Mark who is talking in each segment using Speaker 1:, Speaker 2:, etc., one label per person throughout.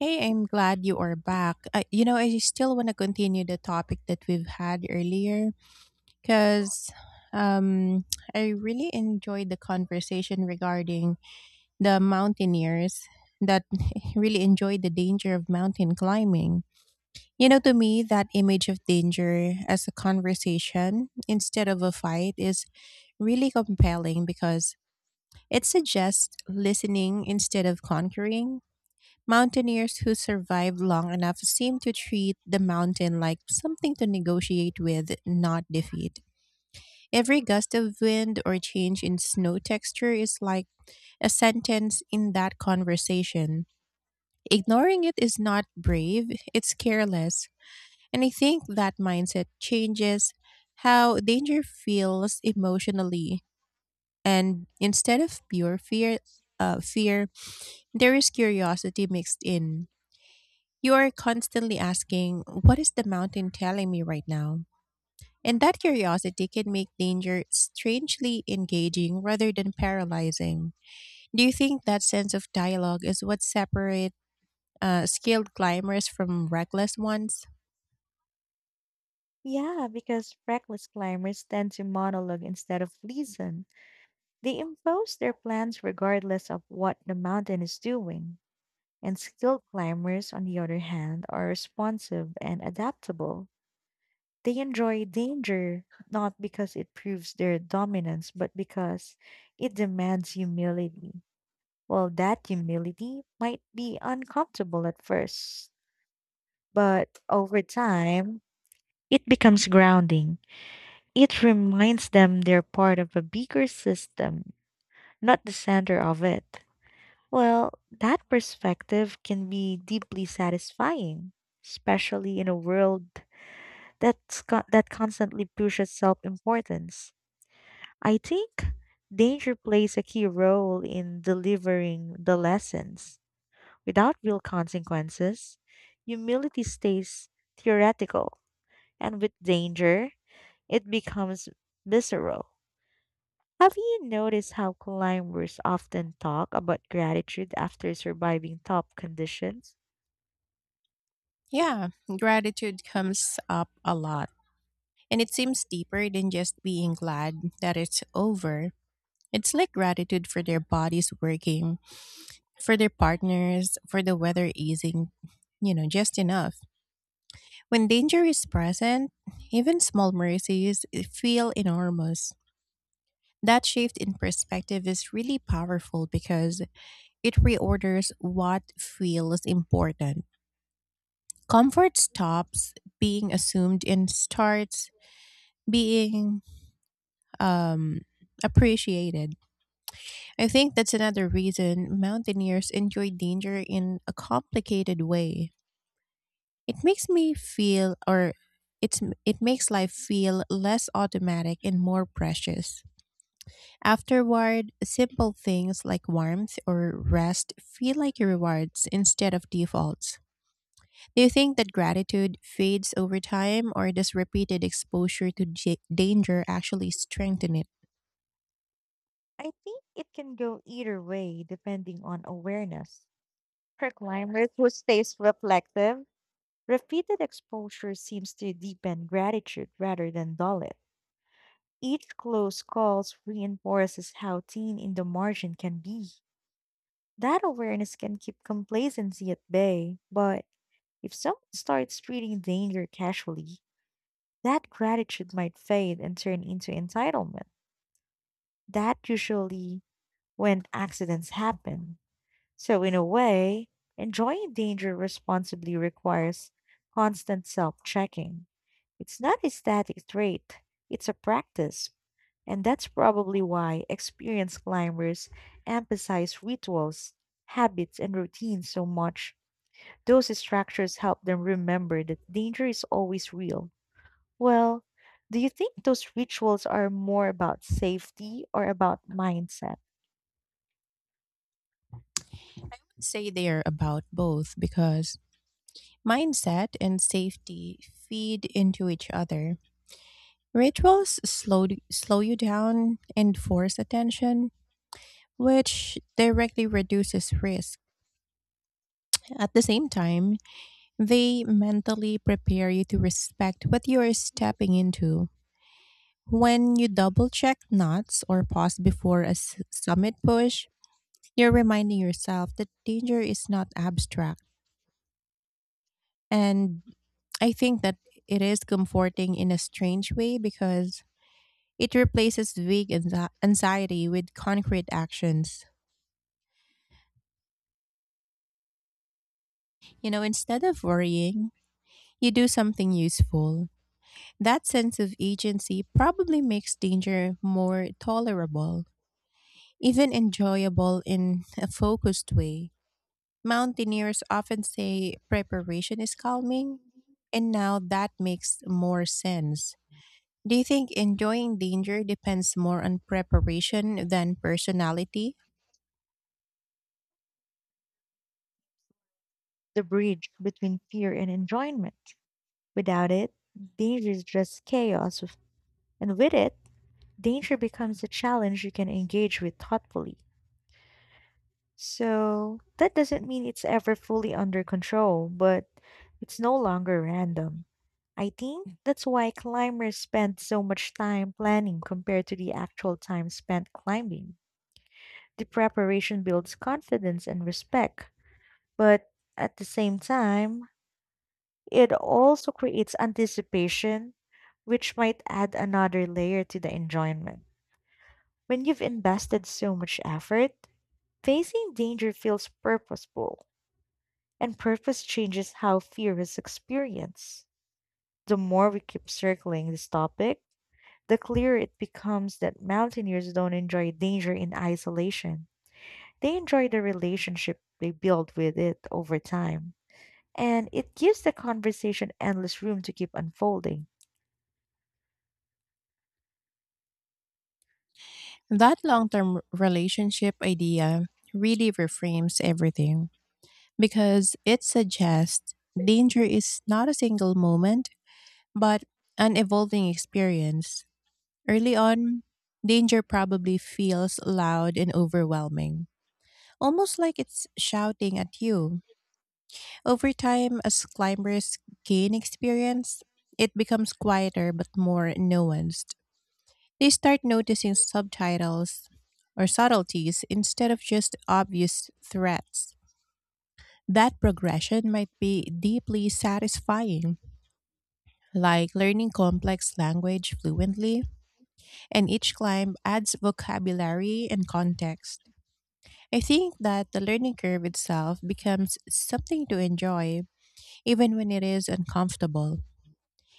Speaker 1: Hey, I'm glad you are back. I still want to continue the topic that we've had earlier because um, I really enjoyed the conversation regarding the mountaineers that really enjoyed the danger of mountain climbing. To me, that image of danger as a conversation instead of a fight is really compelling because it suggests listening instead of conquering. Mountaineers who survive long enough seem to treat the mountain like something to negotiate with, not defeat. Every gust of wind or change in snow texture is like a sentence in that conversation. Ignoring it is not brave, it's careless. And I think that mindset changes how danger feels emotionally. And instead of pure fear, uh, fear, there is curiosity mixed in. You are constantly asking, "What is the mountain telling me right now?" And that curiosity can make danger strangely engaging rather than paralyzing. Do you think that sense of dialogue is what separates skilled climbers from reckless ones?
Speaker 2: Yeah, because reckless climbers tend to monologue instead of reason. They impose their plans regardless of what the mountain is doing. And skilled climbers, on the other hand, are responsive and adaptable. They enjoy danger not because it proves their dominance, but because it demands humility. Well, that humility might be uncomfortable at first, but over time, it becomes grounding. It reminds them they're part of a bigger system, not the center of it. Well, that perspective can be deeply satisfying, especially in a world that's that constantly pushes self-importance. I think danger plays a key role in delivering the lessons. Without real consequences, humility stays theoretical, and with danger, it becomes visceral. Have you noticed how climbers often talk about gratitude after surviving tough conditions?
Speaker 1: Yeah, gratitude comes up a lot. And it seems deeper than just being glad that it's over. It's like gratitude for their bodies working, for their partners, for the weather easing, just enough. When danger is present, even small mercies feel enormous. That shift in perspective is really powerful because it reorders what feels important. Comfort stops being assumed and starts being um, appreciated. I think that's another reason mountaineers enjoy danger in a complicated way. It makes me feel or it makes life feel less automatic and more precious. Afterward, simple things like warmth or rest feel like rewards instead of defaults. Do you think that gratitude fades over time or does repeated exposure to danger actually strengthen it?
Speaker 2: I think it can go either way depending on awareness. For climbers who stays reflective, repeated exposure seems to deepen gratitude rather than dull it. Each close call reinforces how thin in the margin can be. That awareness can keep complacency at bay, but if someone starts treating danger casually, that gratitude might fade and turn into entitlement. That usually when accidents happen. So in a way, enjoying danger responsibly requires constant self-checking. It's not a static trait, it's a practice. And that's probably why experienced climbers emphasize rituals, habits, and routines so much. Those structures help them remember that danger is always real. Well, do you think those rituals are more about safety or about mindset,
Speaker 1: Say they're about both because mindset and safety feed into each other. Rituals slow you down and force attention, which directly reduces risk. At the same time, they mentally prepare you to respect what you are stepping into. When you double check knots or pause before a summit push, you're reminding yourself that danger is not abstract. And I think that it is comforting in a strange way because it replaces vague anxiety with concrete actions. Instead of worrying, you do something useful. That sense of agency probably makes danger more tolerable, even enjoyable in a focused way. Mountaineers often say preparation is calming, and now that makes more sense. Do you think enjoying danger depends more on preparation than personality?
Speaker 2: the bridge between fear and enjoyment? Without it, danger is just chaos, and with it, danger becomes a challenge you can engage with thoughtfully. So, that doesn't mean it's ever fully under control, but it's no longer random. I think that's why climbers spend so much time planning compared to the actual time spent climbing. The preparation builds confidence and respect, but at the same time, it also creates anticipation, which might add another layer to the enjoyment. When you've invested so much effort, facing danger feels purposeful, and purpose changes how fear is experienced. The more we keep circling this topic, the clearer it becomes that mountaineers don't enjoy danger in isolation. They enjoy the relationship they build with it over time, and it gives the conversation endless room to keep unfolding.
Speaker 1: That long term relationship idea really reframes everything, because it suggests danger is not a single moment, but an evolving experience. Early on, danger probably feels loud and overwhelming, almost like it's shouting at you. Over time, as climbers gain experience, it becomes quieter but more nuanced. They start noticing subtitles or subtleties instead of just obvious threats. That progression might be deeply satisfying, like learning complex language fluently, and each climb adds vocabulary and context. I think that the learning curve itself becomes something to enjoy, even when it is uncomfortable.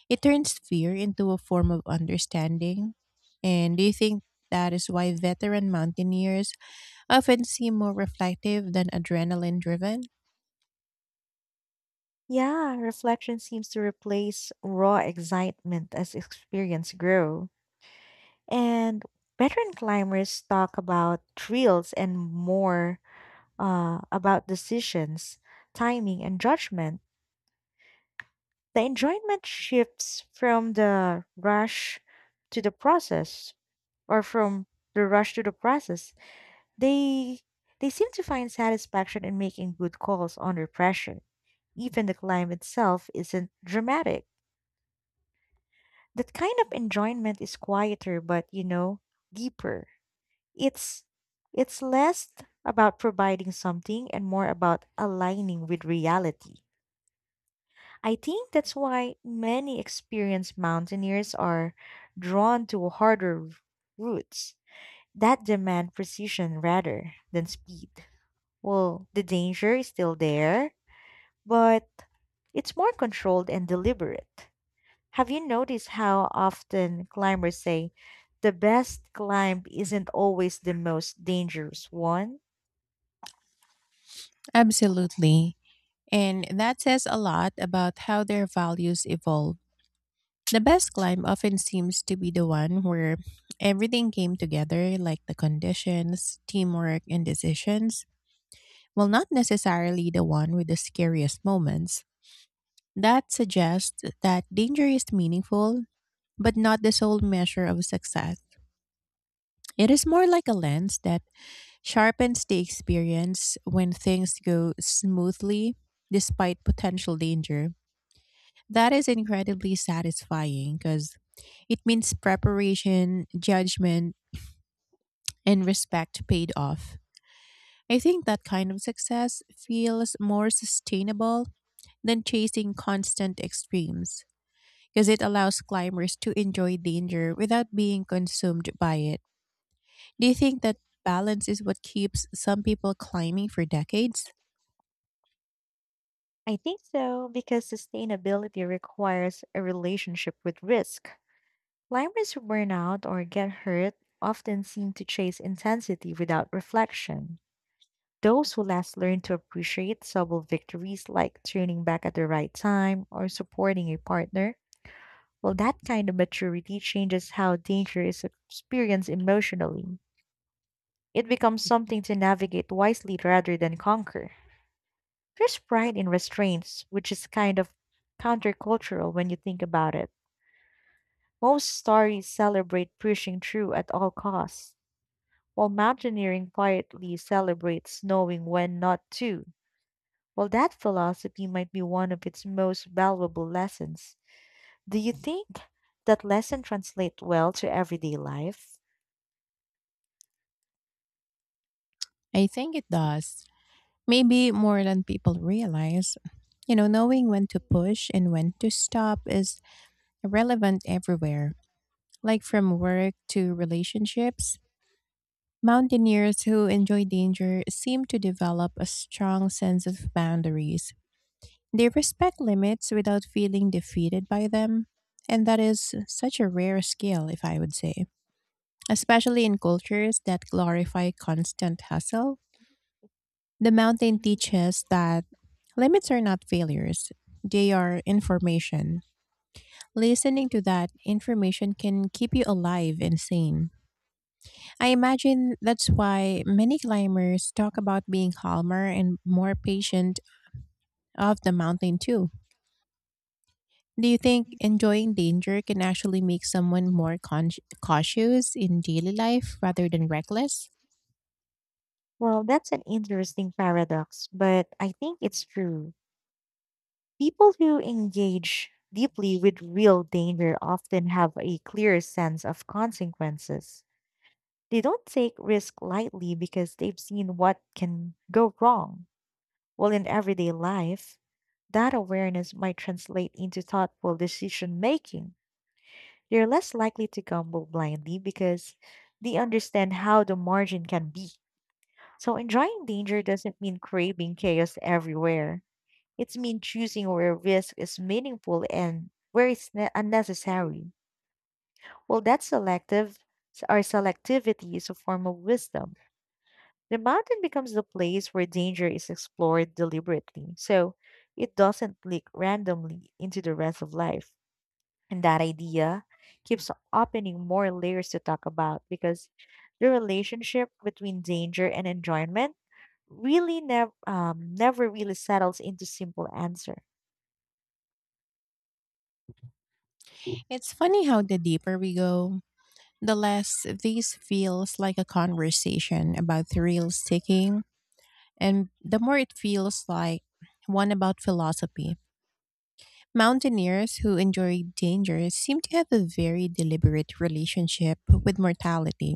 Speaker 1: It turns fear into a form of understanding. And do you think that is why veteran mountaineers often seem more reflective than adrenaline driven?
Speaker 2: Yeah, reflection seems to replace raw excitement as experience grow. And veteran climbers talk about thrills and more about decisions, timing, and judgment. The enjoyment shifts from the rush to the process, or from the rush to the process. They they seem to find satisfaction in making good calls under pressure. Even the climb itself isn't dramatic. That kind of enjoyment is quieter but, you know, deeper. It's it's less about providing something and more about aligning with reality. I think that's why many experienced mountaineers are drawn to harder routes that demand precision rather than speed. Well, the danger is still there, but it's more controlled and deliberate. Have you noticed how often climbers say the best climb isn't always the most dangerous one?
Speaker 1: Absolutely, and that says a lot about how their values evolve. The best climb often seems to be the one where everything came together, like the conditions, teamwork, and decisions, while not necessarily the one with the scariest moments. That suggests that danger is meaningful, but not the sole measure of success. It is more like a lens that sharpens the experience when things go smoothly despite potential danger. That is incredibly satisfying because it means preparation, judgment, and respect paid off. I think that kind of success feels more sustainable than chasing constant extremes because it allows climbers to enjoy danger without being consumed by it. Do you think that balance is what keeps some people climbing for decades?
Speaker 2: I think so, because sustainability requires a relationship with risk. Climbers who burn out or get hurt often seem to chase intensity without reflection. Those who last learn to appreciate subtle victories like turning back at the right time or supporting a partner, well, that kind of maturity changes how danger is experienced emotionally. It becomes something to navigate wisely rather than conquer. There's pride in restraints, which is kind of countercultural when you think about it. Most stories celebrate pushing through at all costs, while mountaineering quietly celebrates knowing when not to. Well, that philosophy might be one of its most valuable lessons. Do you think that lesson translates well to everyday life?
Speaker 1: I think it does. Maybe more than people realize. Knowing when to push and when to stop is relevant everywhere, like from work to relationships. Mountaineers who enjoy danger seem to develop a strong sense of boundaries. They respect limits without feeling defeated by them, and that is such a rare skill, if I would say, especially in cultures that glorify constant hustle. The mountain teaches that limits are not failures, they are information. Listening to that information can keep you alive and sane. I imagine that's why many climbers talk about being calmer and more patient of the mountain too. Do you think enjoying danger can actually make someone more cautious in daily life rather than reckless?
Speaker 2: Well, that's an interesting paradox, but I think it's true. People who engage deeply with real danger often have a clear sense of consequences. They don't take risk lightly because they've seen what can go wrong. Well, in everyday life, that awareness might translate into thoughtful decision making. They're less likely to gamble blindly because they understand how the margin can be. So enjoying danger doesn't mean craving chaos everywhere. It's mean choosing where risk is meaningful and where it's unnecessary. Well, that selective our selectivity is a form of wisdom. The mountain becomes the place where danger is explored deliberately. So it doesn't leak randomly into the rest of life. And that idea keeps opening more layers to talk about because the relationship between danger and enjoyment really never never really settles into simple answer.
Speaker 1: It's funny how the deeper we go, the less this feels like a conversation about thrill seeking, and the more it feels like one about philosophy. Mountaineers who enjoy danger seem to have a very deliberate relationship with mortality.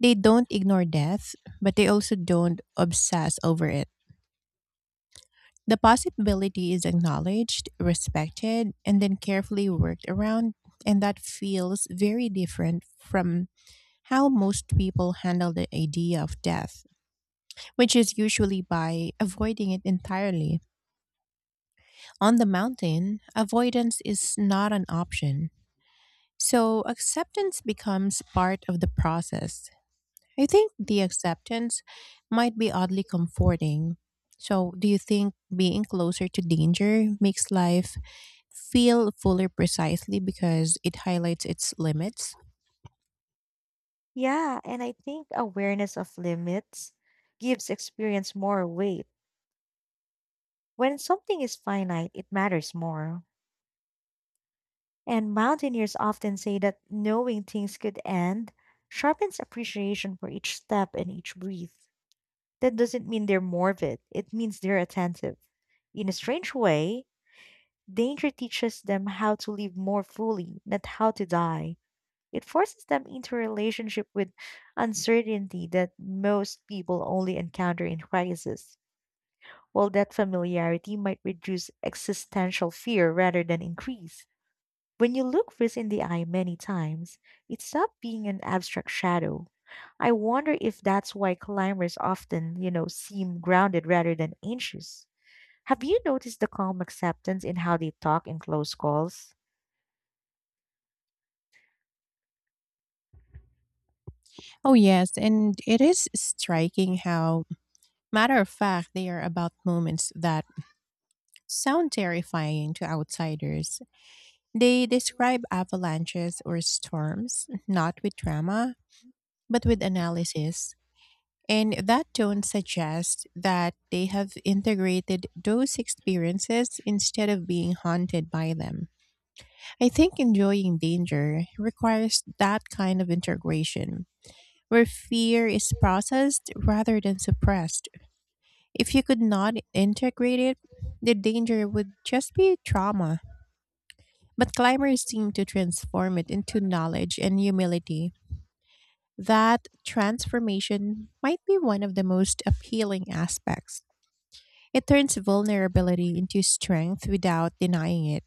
Speaker 1: They don't ignore death, but they also don't obsess over it. The possibility is acknowledged, respected, and then carefully worked around, and that feels very different from how most people handle the idea of death, which is usually by avoiding it entirely. On the mountain, avoidance is not an option. So acceptance becomes part of the process. I think the acceptance might be oddly comforting. So, do you think being closer to danger makes life feel fuller precisely because it highlights its limits?
Speaker 2: Yeah, and I think awareness of limits gives experience more weight. When something is finite, it matters more. And mountaineers often say that knowing things could end sharpens appreciation for each step and each breath. That doesn't mean they're morbid, it means they're attentive. In a strange way, danger teaches them how to live more fully, not how to die. It forces them into a relationship with uncertainty that most people only encounter in crisis. While that familiarity might reduce existential fear rather than increase, when you look risk in the eye many times, it stops being an abstract shadow. I wonder if that's why climbers often, you know, seem grounded rather than anxious. Have you noticed the calm acceptance in how they talk in close calls?
Speaker 1: Oh, yes. And it is striking how matter of fact they are about moments that sound terrifying to outsiders. They describe avalanches or storms, not with drama, but with analysis. And that tone suggests that they have integrated those experiences instead of being haunted by them. I think enjoying danger requires that kind of integration, where fear is processed rather than suppressed. If you could not integrate it, the danger would just be trauma. But climbers seem to transform it into knowledge and humility. That transformation might be one of the most appealing aspects. It turns vulnerability into strength without denying it.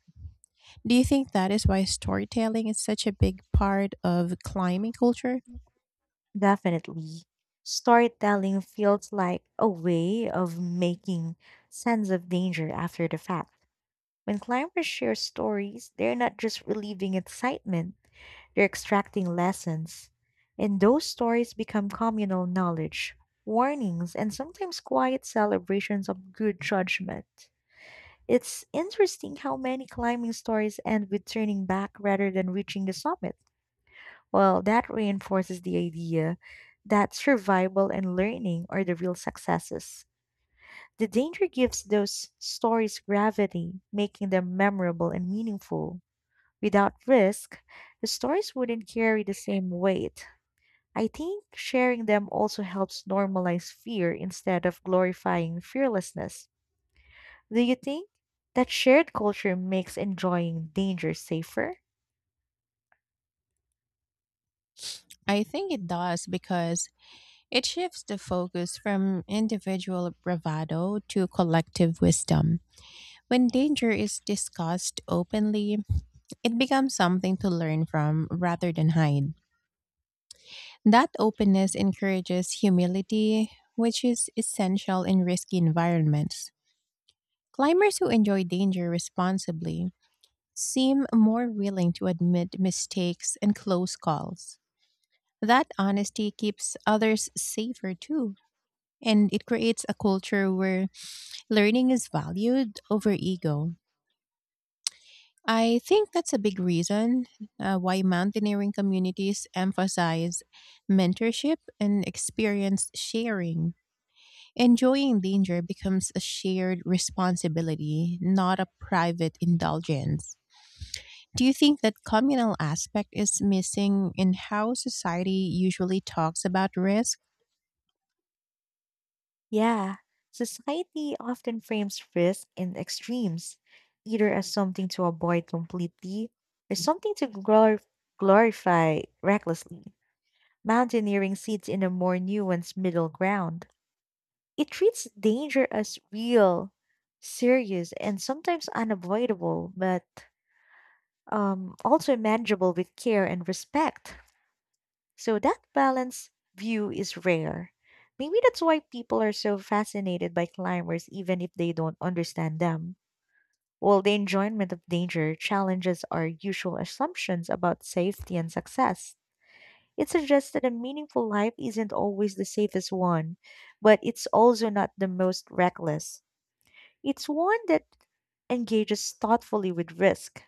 Speaker 1: Do you think that is why storytelling is such a big part of climbing culture?
Speaker 2: Definitely. Storytelling feels like a way of making sense of danger after the fact. When climbers share stories, they're not just relieving excitement, they're extracting lessons. And those stories become communal knowledge, warnings, and sometimes quiet celebrations of good judgment. It's interesting how many climbing stories end with turning back rather than reaching the summit. Well, that reinforces the idea that survival and learning are the real successes. The danger gives those stories gravity, making them memorable and meaningful. Without risk, the stories wouldn't carry the same weight. I think sharing them also helps normalize fear instead of glorifying fearlessness. Do you think that shared culture makes enjoying danger safer?
Speaker 1: I think it does because it shifts the focus from individual bravado to collective wisdom. When danger is discussed openly, it becomes something to learn from rather than hide. That openness encourages humility, which is essential in risky environments. Climbers who enjoy danger responsibly seem more willing to admit mistakes and close calls. That honesty keeps others safer too, and it creates a culture where learning is valued over ego. I think that's a big reason why mountaineering communities emphasize mentorship and experience sharing. Enjoying danger becomes a shared responsibility, not a private indulgence. Do you think that communal aspect is missing in how society usually talks about risk?
Speaker 2: Yeah, society often frames risk and extremes either as something to avoid completely or something to glorify recklessly. Mountaineering sits in a more nuanced middle ground. It treats danger as real, serious, and sometimes unavoidable, but also manageable with care and respect. So that balanced view is rare. Maybe that's why people are so fascinated by climbers, even if they don't understand them. While the enjoyment of danger challenges our usual assumptions about safety and success. It suggests that a meaningful life isn't always the safest one, but it's also not the most reckless. It's one that engages thoughtfully with risk.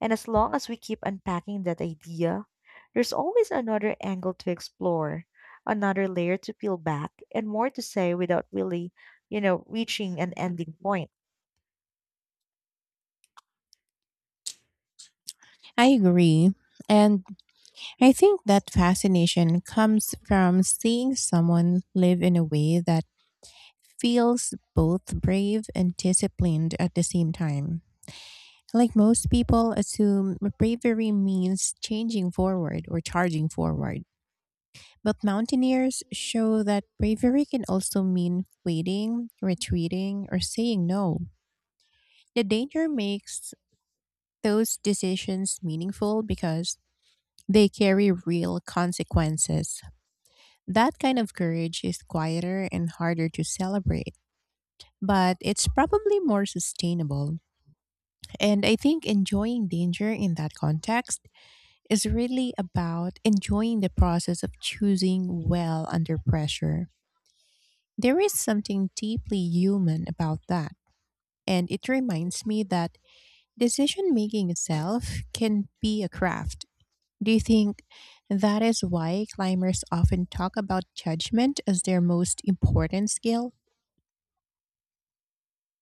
Speaker 2: And as long as we keep unpacking that idea, there's always another angle to explore, another layer to peel back, and more to say without really, you know, reaching an ending point.
Speaker 1: I agree. And I think that fascination comes from seeing someone live in a way that feels both brave and disciplined at the same time. Like most people assume bravery means changing forward or charging forward. But mountaineers show that bravery can also mean waiting, retreating, or saying no. The danger makes those decisions meaningful because they carry real consequences. That kind of courage is quieter and harder to celebrate, but it's probably more sustainable. And I think enjoying danger in that context is really about enjoying the process of choosing well under pressure. There is something deeply human about that. And it reminds me that decision making itself can be a craft. Do you think that is why climbers often talk about judgment as their most important skill?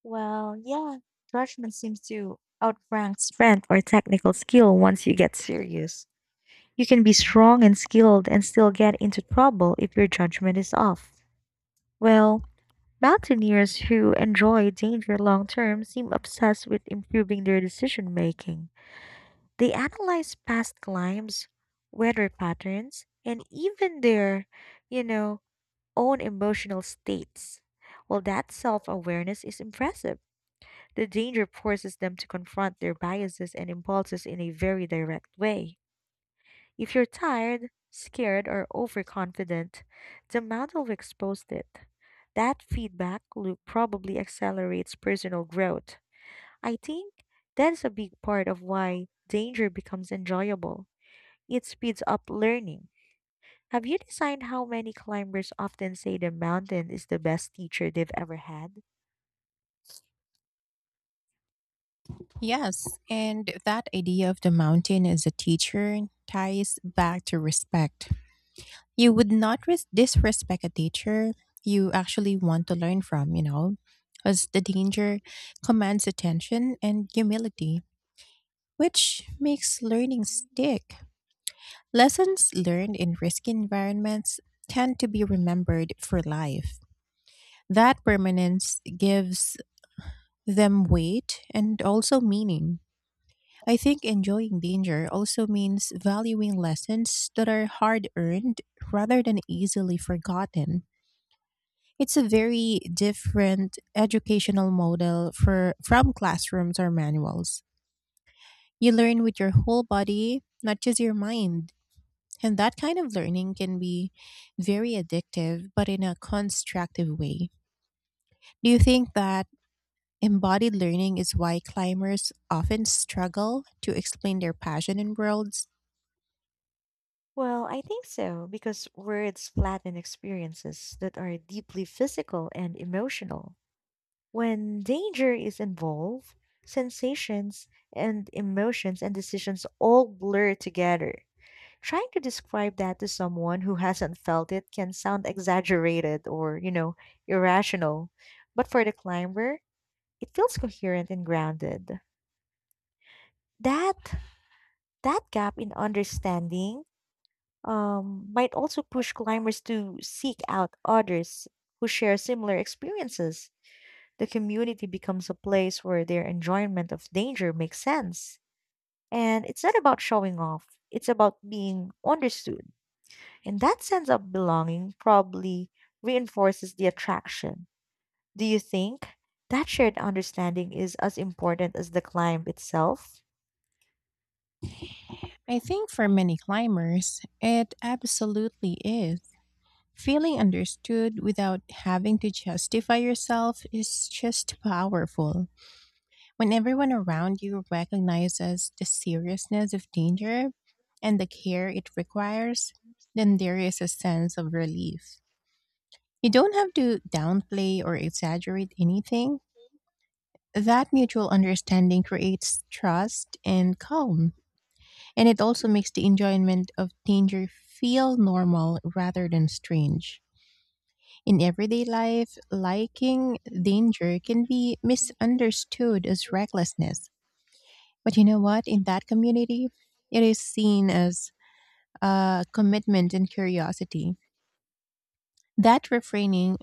Speaker 2: Well, yeah, judgment seems to outrank strength or technical skill once you get serious. You can be strong and skilled and still get into trouble if your judgment is off. Well, mountaineers who enjoy danger long term seem obsessed with improving their decision making. They analyze past climbs, weather patterns, and even their, you know, own emotional states. Well, that self awareness is impressive. The danger forces them to confront their biases and impulses in a very direct way. If you're tired, scared, or overconfident, the model will expose it. That feedback loop probably accelerates personal growth. I think that is a big part of why danger becomes enjoyable. It speeds up learning. Have you designed how many climbers often say the mountain is the best teacher they've ever had?
Speaker 1: Yes, and that idea of the mountain as a teacher ties back to respect. You would not disrespect a teacher you actually want to learn from, as the danger commands attention and humility, which makes learning stick. Lessons learned in risky environments tend to be remembered for life. That permanence gives them weight and also meaning. I think enjoying danger also means valuing lessons that are hard earned rather than easily forgotten. It's a very different educational model for from classrooms or manuals. You learn with your whole body, not just your mind. And that kind of learning can be very addictive, but in a constructive way. Do you think that Embodied learning is why climbers often struggle to explain their passion in worlds?
Speaker 2: Well, I think so, because words flatten experiences that are deeply physical and emotional. When danger is involved, sensations and emotions and decisions all blur together. Trying to describe that to someone who hasn't felt it can sound exaggerated or, you know, irrational. But for the climber, it feels coherent and grounded. That that gap in understanding might also push climbers to seek out others who share similar experiences. The community becomes a place where their enjoyment of danger makes sense. And it's not about showing off, it's about being understood. And that sense of belonging probably reinforces the attraction. Do you think that shared understanding is as important as the climb itself?
Speaker 1: I think for many climbers, it absolutely is. Feeling understood without having to justify yourself is just powerful. When everyone around you recognizes the seriousness of danger and the care it requires, then there is a sense of relief. You don't have to downplay or exaggerate anything. That mutual understanding creates trust and calm, and it also makes the enjoyment of danger feel normal rather than strange. In everyday life, liking danger can be misunderstood as recklessness. But you know what? In that community, it is seen as a commitment and curiosity. That refraining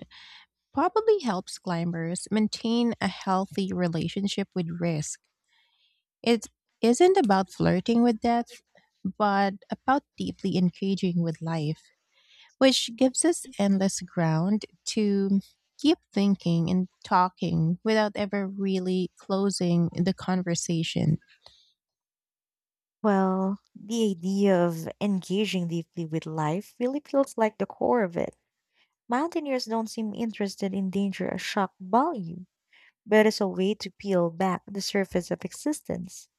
Speaker 1: probably helps climbers maintain a healthy relationship with risk. It isn't about flirting with death but about deeply engaging with life, which gives us endless ground to keep thinking and talking without ever really closing the conversation.
Speaker 2: Well, the idea of engaging deeply with life really feels like the core of it. Mountaineers don't seem interested in danger or shock value, but as a way to peel back the surface of existence.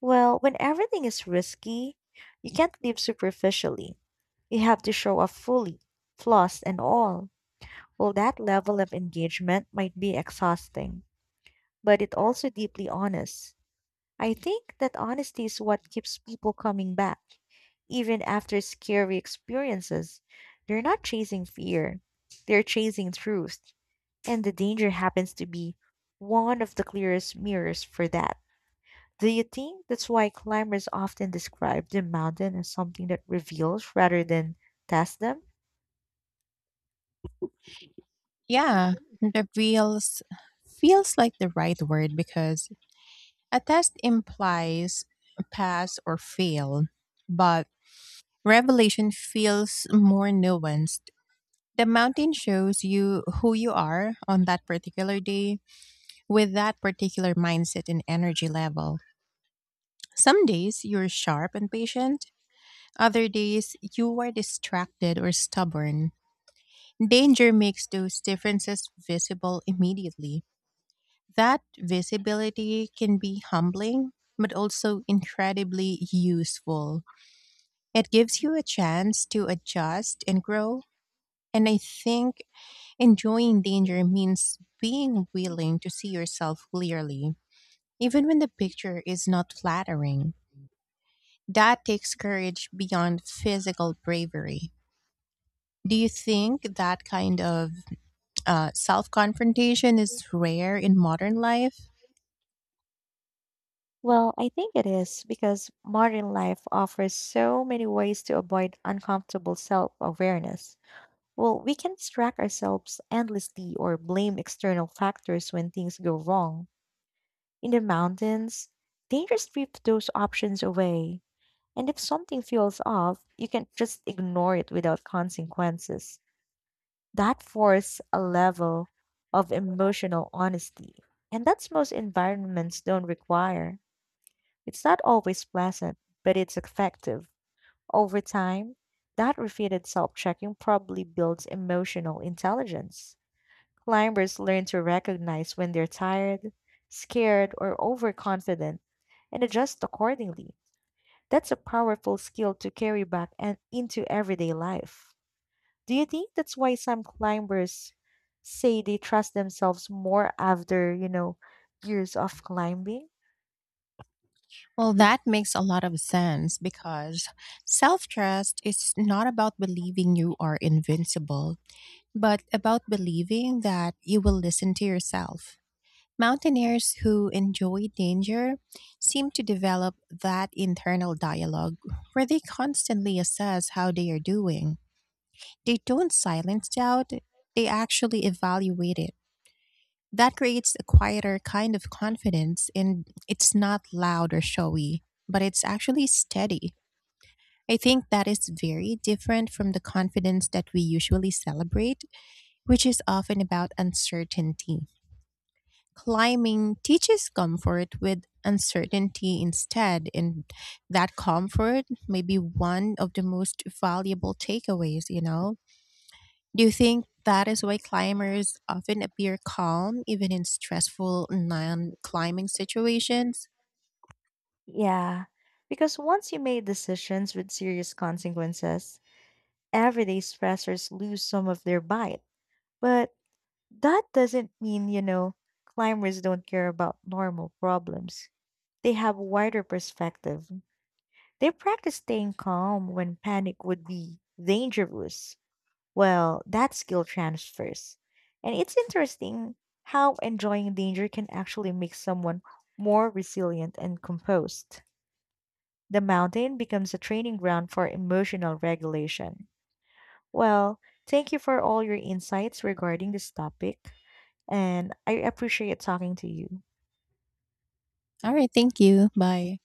Speaker 2: Well, when everything is risky, you can't live superficially. You have to show up fully, flaws and all. Well, that level of engagement might be exhausting, but it also deeply honest. I think that honesty is what keeps people coming back, even after scary experiences. They're not chasing fear, they're chasing truth. And the danger happens to be one of the clearest mirrors for that. Do you think that's why climbers often describe the mountain as something that reveals rather than tests them?
Speaker 1: Yeah, the reels feels like the right word because a test implies pass or fail, but revelation feels more nuanced. The mountain shows you who you are on that particular day with that particular mindset and energy level. Some days you're sharp and patient, other days you are distracted or stubborn. Danger makes those differences visible immediately. That visibility can be humbling, but also incredibly useful. It gives you a chance to adjust and grow. And I think enjoying danger means being willing to see yourself clearly even when the picture is not flattering. That takes courage beyond physical bravery. Do you think that kind of self confrontation is rare in modern life?
Speaker 2: Well, I think it is because modern life offers so many ways to avoid uncomfortable self awareness. Well, we can distract ourselves endlessly or blame external factors when things go wrong. In the mountains, they just strip those options away. And if something feels off, you can just ignore it without consequences. That forces a level of emotional honesty. And that's most environments don't require. It's not always pleasant, but it's effective. Over time, that repeated self checking probably builds emotional intelligence. Climbers learn to recognize when they're tired, scared, or overconfident and adjust accordingly. That's a powerful skill to carry back and into everyday life. Do you think that's why some climbers say they trust themselves more after, you know, years of climbing?
Speaker 1: Well, that makes a lot of sense because self trust is not about believing you are invincible, but about believing that you will listen to yourself. Mountaineers who enjoy danger seem to develop that internal dialogue where they constantly assess how they are doing. They don't silence doubt, they actually evaluate it. That creates a quieter kind of confidence, and it's not loud or showy, but it's actually steady. I think that is very different from the confidence that we usually celebrate, which is often about uncertainty. Climbing teaches comfort with uncertainty instead, and that comfort may be one of the most valuable takeaways, you know? Do you think that is why climbers often appear calm even in stressful non climbing situations?
Speaker 2: Yeah, because once you made decisions with serious consequences, everyday stressors lose some of their bite. But that doesn't mean, you know, climbers don't care about normal problems. They have wider perspective. They practice staying calm when panic would be dangerous. Well, that skill transfers. And it's interesting how enjoying danger can actually make someone more resilient and composed. The mountain becomes a training ground for emotional regulation. Well, thank you for all your insights regarding this topic and I appreciate talking to you.
Speaker 1: All right, thank you. Bye.